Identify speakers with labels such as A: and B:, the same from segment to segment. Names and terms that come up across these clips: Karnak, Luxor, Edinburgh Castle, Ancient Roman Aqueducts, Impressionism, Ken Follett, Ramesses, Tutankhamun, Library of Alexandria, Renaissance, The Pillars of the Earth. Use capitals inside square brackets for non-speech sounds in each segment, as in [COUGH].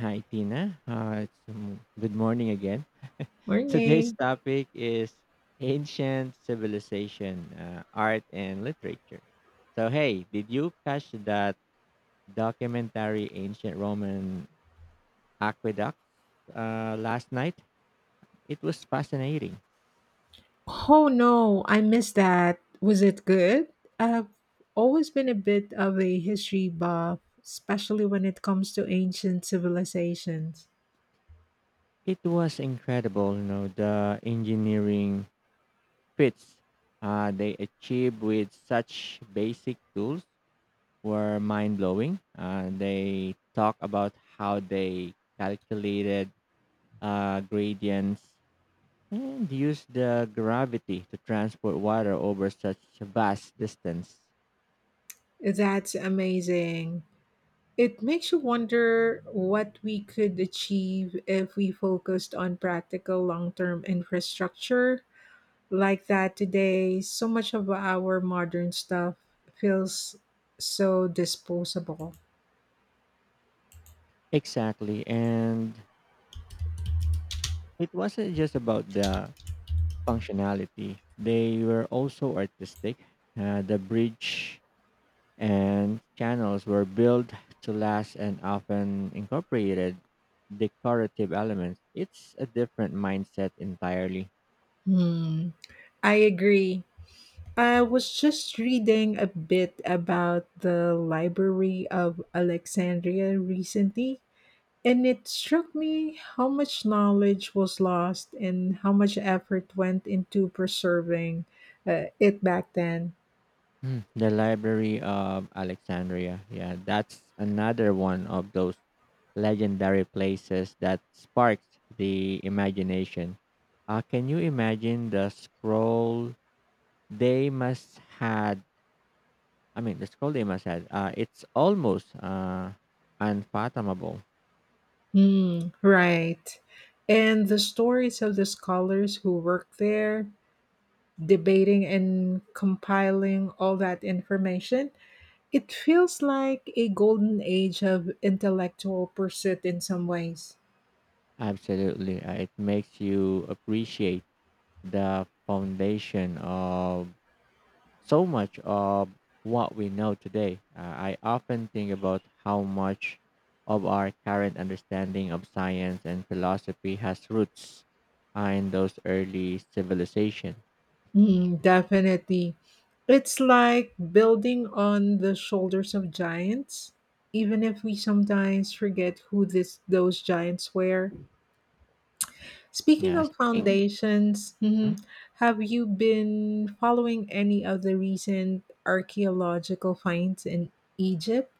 A: Hi, Tina. It's, good morning again. [LAUGHS] Today's
B: Morning.
A: topic is ancient civilization, art, and literature. So, hey, did you catch that documentary, Ancient Roman Aqueducts, last night? It was fascinating.
B: Oh no, I missed that. Was it good? I've always been a bit of a history buff, especially when it comes to ancient civilizations.
A: It was incredible, the engineering feats they achieved with such basic tools were mind blowing. They talk about how they calculated gradients and used the gravity to transport water over such a vast distance.
B: That's amazing. It makes you wonder what we could achieve if we focused on practical long term infrastructure like that today. So much of our modern stuff feels so disposable.
A: Exactly, and it wasn't just about the functionality. They were also artistic. The bridge and channels were built to last and often incorporated decorative elements. It's a different mindset entirely.
B: Hmm. I agree. I was just reading a bit about the Library of Alexandria recently, and it struck me how much knowledge was lost and how much effort went into preserving it back then.
A: Hmm. The Library of Alexandria. Yeah, that's another one of those legendary places that sparks the imagination. Can you imagine the scroll they must had? The Skoldima said, it's almost unfathomable.
B: Hmm, right. And the stories of the scholars who worked there, debating and compiling all that information. It feels like a golden age of intellectual pursuit in some ways.
A: Absolutely. It makes you appreciate the foundation of so much of what we know today. I often think about how much of our current understanding of science and philosophy has roots in those early civilizations.
B: Mm, definitely. It's like building on the shoulders of giants, even if we sometimes forget those giants were. Speaking
A: Yeah,
B: of
A: speaking.
B: foundations.
A: Mhm.
B: Mhm. Have you been following any of the recent archaeological finds in Egypt?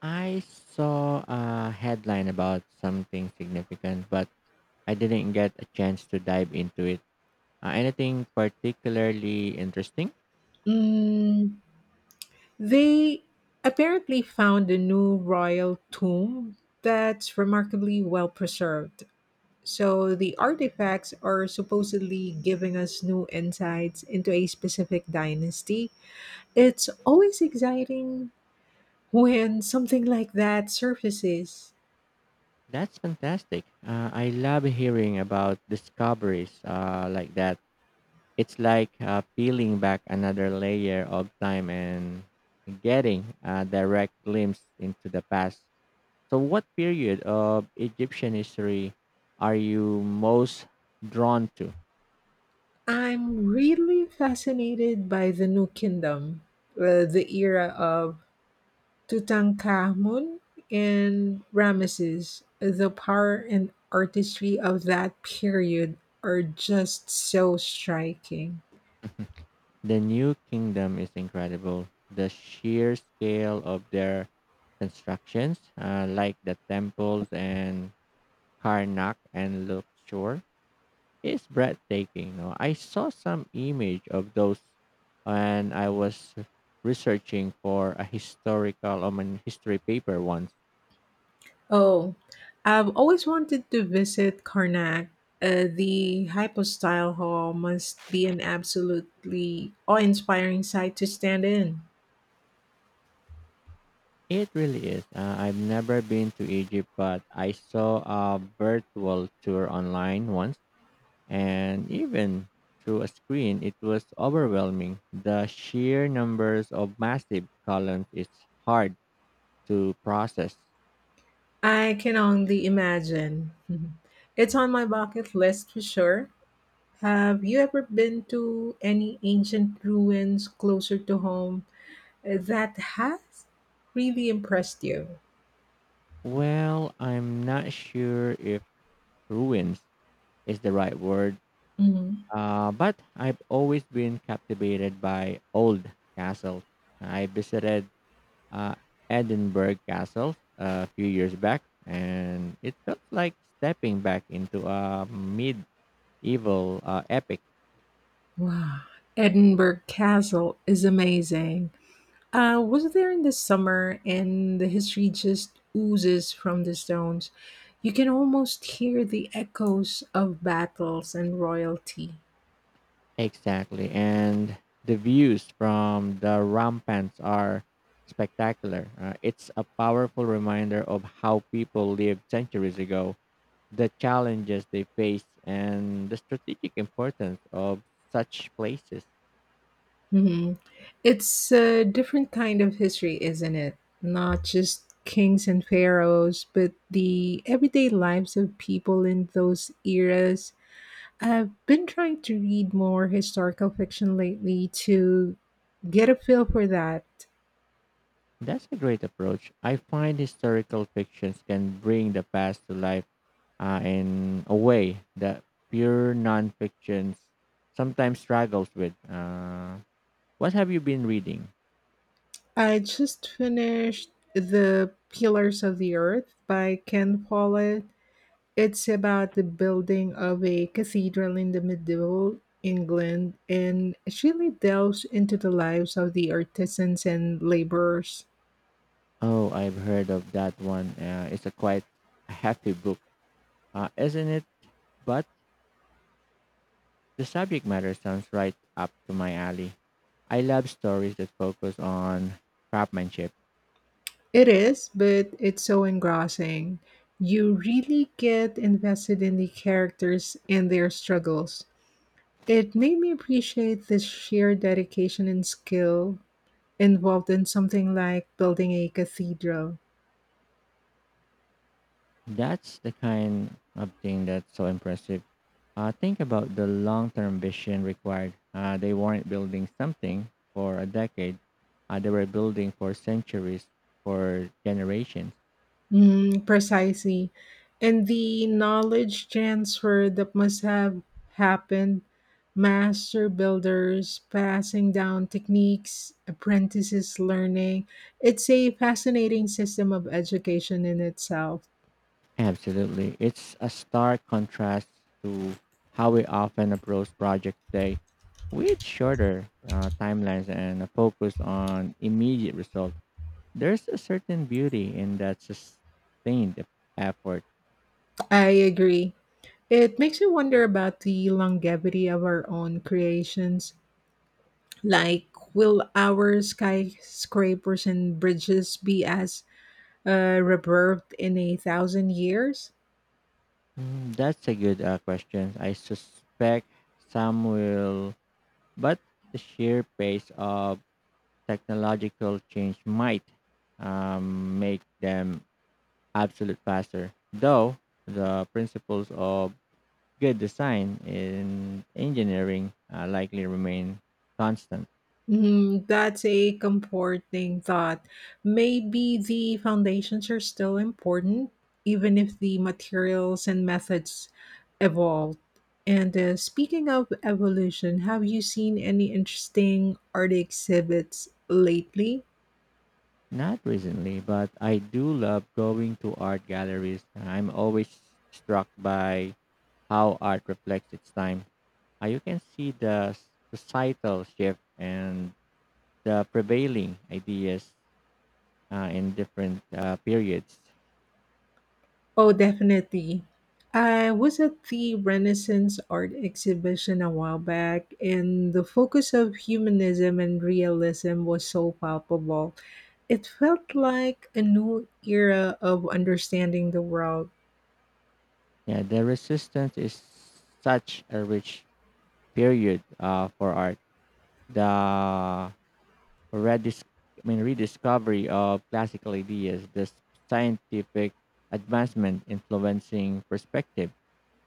A: I saw a headline about something significant, but I didn't get a chance to dive into it. Anything particularly interesting?
B: Mm, they apparently found a new royal tomb that's remarkably well preserved. So the artifacts are supposedly giving us new insights into a specific dynasty. It's always exciting when something like that surfaces.
A: That's fantastic. I love hearing about discoveries like that. It's like peeling back another layer of time and getting a direct glimpse into the past. So, what period of Egyptian history are you most drawn to?
B: I'm really fascinated by the new kingdom, the era of Tutankhamun and Ramesses. The power and artistry of that period are just so striking.
A: The New Kingdom is incredible. The sheer scale of their constructions, like the temples and Karnak and Luxor, is breathtaking. No, I saw some image of those, and I was researching for a historical an history paper once.
B: Oh, I've always wanted to visit Karnak. The hypostyle hall must be an absolutely awe-inspiring sight to stand in.
A: It really is. I've never been to Egypt, but I saw a virtual tour online once, and even through a screen, it was overwhelming. The sheer numbers of massive columns is hard to process.
B: I can only imagine. [LAUGHS] It's on my bucket list for sure. Have you ever been to any ancient ruins closer to home that has really impressed you?
A: Well, I'm not sure if ruins is the right word,
B: Hmm.
A: but I've always been captivated by old castles. I visited uh, Edinburgh Castle a few years back, and it felt like stepping back into a medieval epic.
B: Wow. Edinburgh Castle is amazing. I was there in the summer, and the history just oozes from the stones. You can almost hear the echoes of battles and royalty.
A: Exactly. And the views from the rampants are spectacular. It's a powerful reminder of how people lived centuries ago, the challenges they faced, and the strategic importance of such places.
B: Mhm. It's a different kind of history, isn't it? Not just kings and pharaohs, but the everyday lives of people in those eras. I've been trying to read more historical fiction lately to get a feel for that.
A: That's a great approach. I find historical fictions can bring the past to life in a way that pure nonfictions sometimes struggles with. What have you been reading?
B: I just finished The Pillars of the Earth by Ken Follett. It's about the building of a cathedral in the medieval England, and it really delves into the lives of the artisans and laborers.
A: Oh, I've heard of that one. It's a quite a hefty book, isn't it? But the subject matter sounds right up to my alley. I love stories that focus on craftsmanship.
B: It is, but it's so engrossing. You really get invested in the characters and their struggles. It made me appreciate the sheer dedication and skill involved in something like building a cathedral.
A: That's the kind of thing that's so impressive. Think about the long-term vision required. They weren't building something for a decade. They were building for centuries, for generations.
B: Mm, precisely. And the knowledge transfer that must have happened, master builders passing down techniques, apprentices learning. It's a fascinating system of education in itself.
A: Absolutely. It's a stark contrast to how we often approach projects today with shorter timelines and a focus on immediate results. There's a certain beauty in that sustained effort.
B: I agree. It makes you wonder about the longevity of our own creations. Like, will our skyscrapers and bridges be as reverbed in 1,000 years?
A: Mm. That's a good question. I suspect some will, but the sheer pace of technological change might make them absolute faster. Though the principles of good design in engineering likely remain constant.
B: Mm, that's a comforting thought. Maybe the foundations are still important, even if the materials and methods evolved. And speaking of evolution, have you seen any interesting art exhibits lately?
A: Not recently, but I do love going to art galleries. I'm always struck by how art reflects its time. You can see the societal shift and the prevailing ideas in different periods.
B: Oh, definitely. I was at the Renaissance art exhibition a while back, and the focus of humanism and realism was so palpable. It felt like a new era of understanding the world.
A: Yeah, the resistance is such a rich period for art. The redis- rediscovery of classical ideas, the scientific advancement influencing perspective.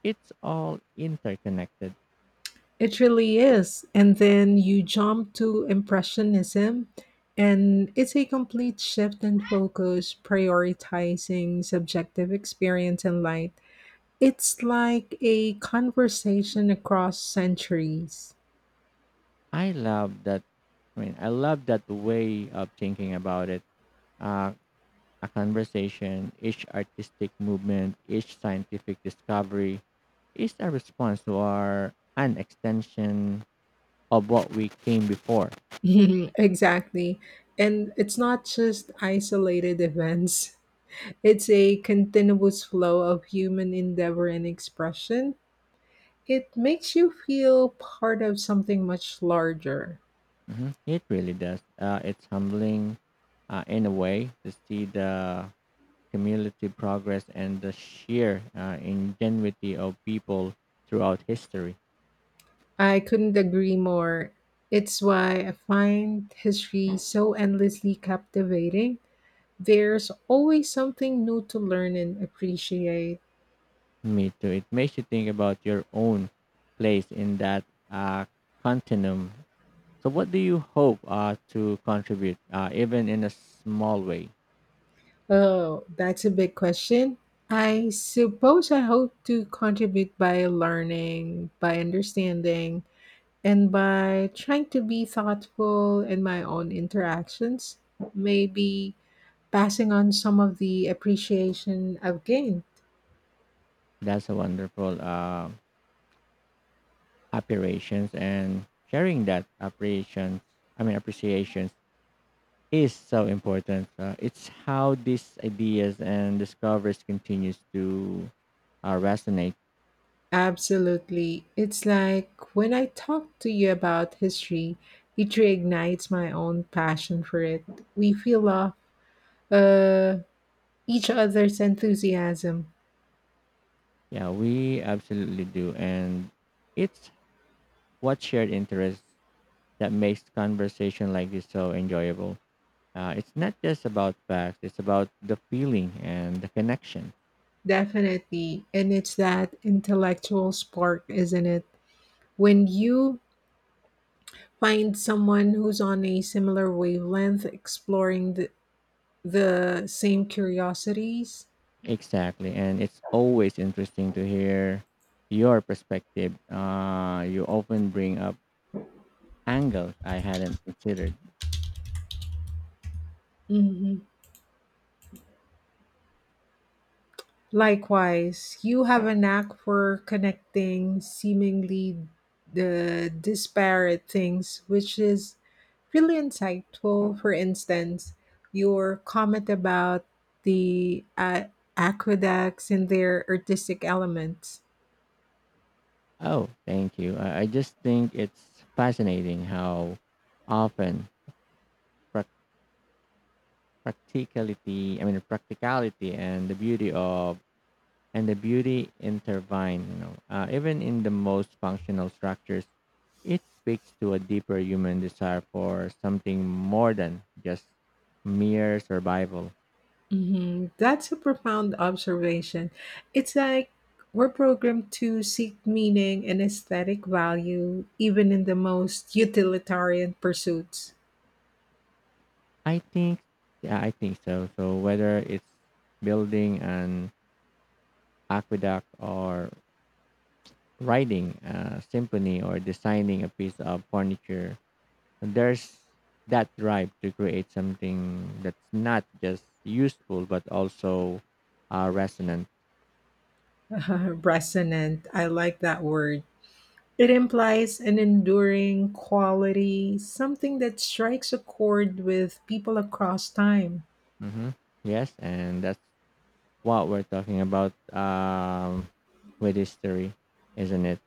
A: It's all interconnected.
B: It really is. And then you jump to Impressionism, and it's a complete shift in focus, prioritizing subjective experience and light. It's like a conversation across centuries.
A: I love that. I mean, I love that way of thinking about it. Uh, a conversation, each artistic movement, each scientific discovery is a response to our an extension of what we came before.
B: [LAUGHS] Exactly. And it's not just isolated events, it's a continuous flow of human endeavor and expression. It makes you feel part of something much larger.
A: Hmm. It really does. It's humbling in a way to see the community progress and the sheer ingenuity of people throughout history.
B: I couldn't agree more. It's why I find history so endlessly captivating. There's always something new to learn and appreciate.
A: Me too. It makes you think about your own place in that uh, continuum. So, what do you hope to contribute, even in a small way?
B: Oh, that's a big question. I suppose I hope to contribute by learning, by understanding, and by trying to be thoughtful in my own interactions. Maybe passing on some of the appreciation I've gained.
A: That's a wonderful operations and sharing that appreciation. I mean, appreciations is so important. It's how these ideas and discoveries continues to resonate.
B: Absolutely. It's like when I talk to you about history, it reignites my own passion for it. We feel off uh, each other's enthusiasm.
A: Yeah, we absolutely do, and it's what shared interest that makes conversation like this so enjoyable. It's not just about facts, it's about the feeling and the connection.
B: Definitely. And it's that intellectual spark, isn't it? When you find someone who's on a similar wavelength exploring the same curiosities.
A: Exactly. And it's always interesting to hear your perspective. You often bring up angles I hadn't considered.
B: Mhm. Likewise, you have a knack for connecting seemingly the disparate things, which is really insightful. For instance, your comment about the aqueducts and their artistic elements.
A: Oh, thank you. I just think it's fascinating how often prac practicality, practicality and the beauty of and the beauty intertwine. Even in the most functional structures, it speaks to a deeper human desire for something more than just mere survival.
B: Hmm. That's a profound observation. It's like we're programmed to seek meaning and aesthetic value, even in the most utilitarian pursuits.
A: I think, yeah, I think so. So whether it's building an aqueduct or writing a symphony or designing a piece of furniture, there's that drive to create something that's not just useful but also resonant.
B: [LAUGHS] Resonant. I like that word. It implies an enduring quality, something that strikes a chord with people across time.
A: Mm-hmm. Yes, and that's what we're talking about with history, isn't it?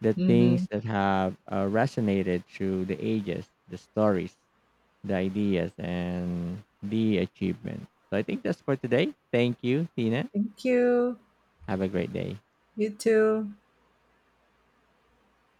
A: The
B: Hmm.
A: things that have resonated through the ages, the stories, the ideas, and the achievement. So I think that's for today. Thank you, Tina.
B: Thank you.
A: Have a great day.
B: You too.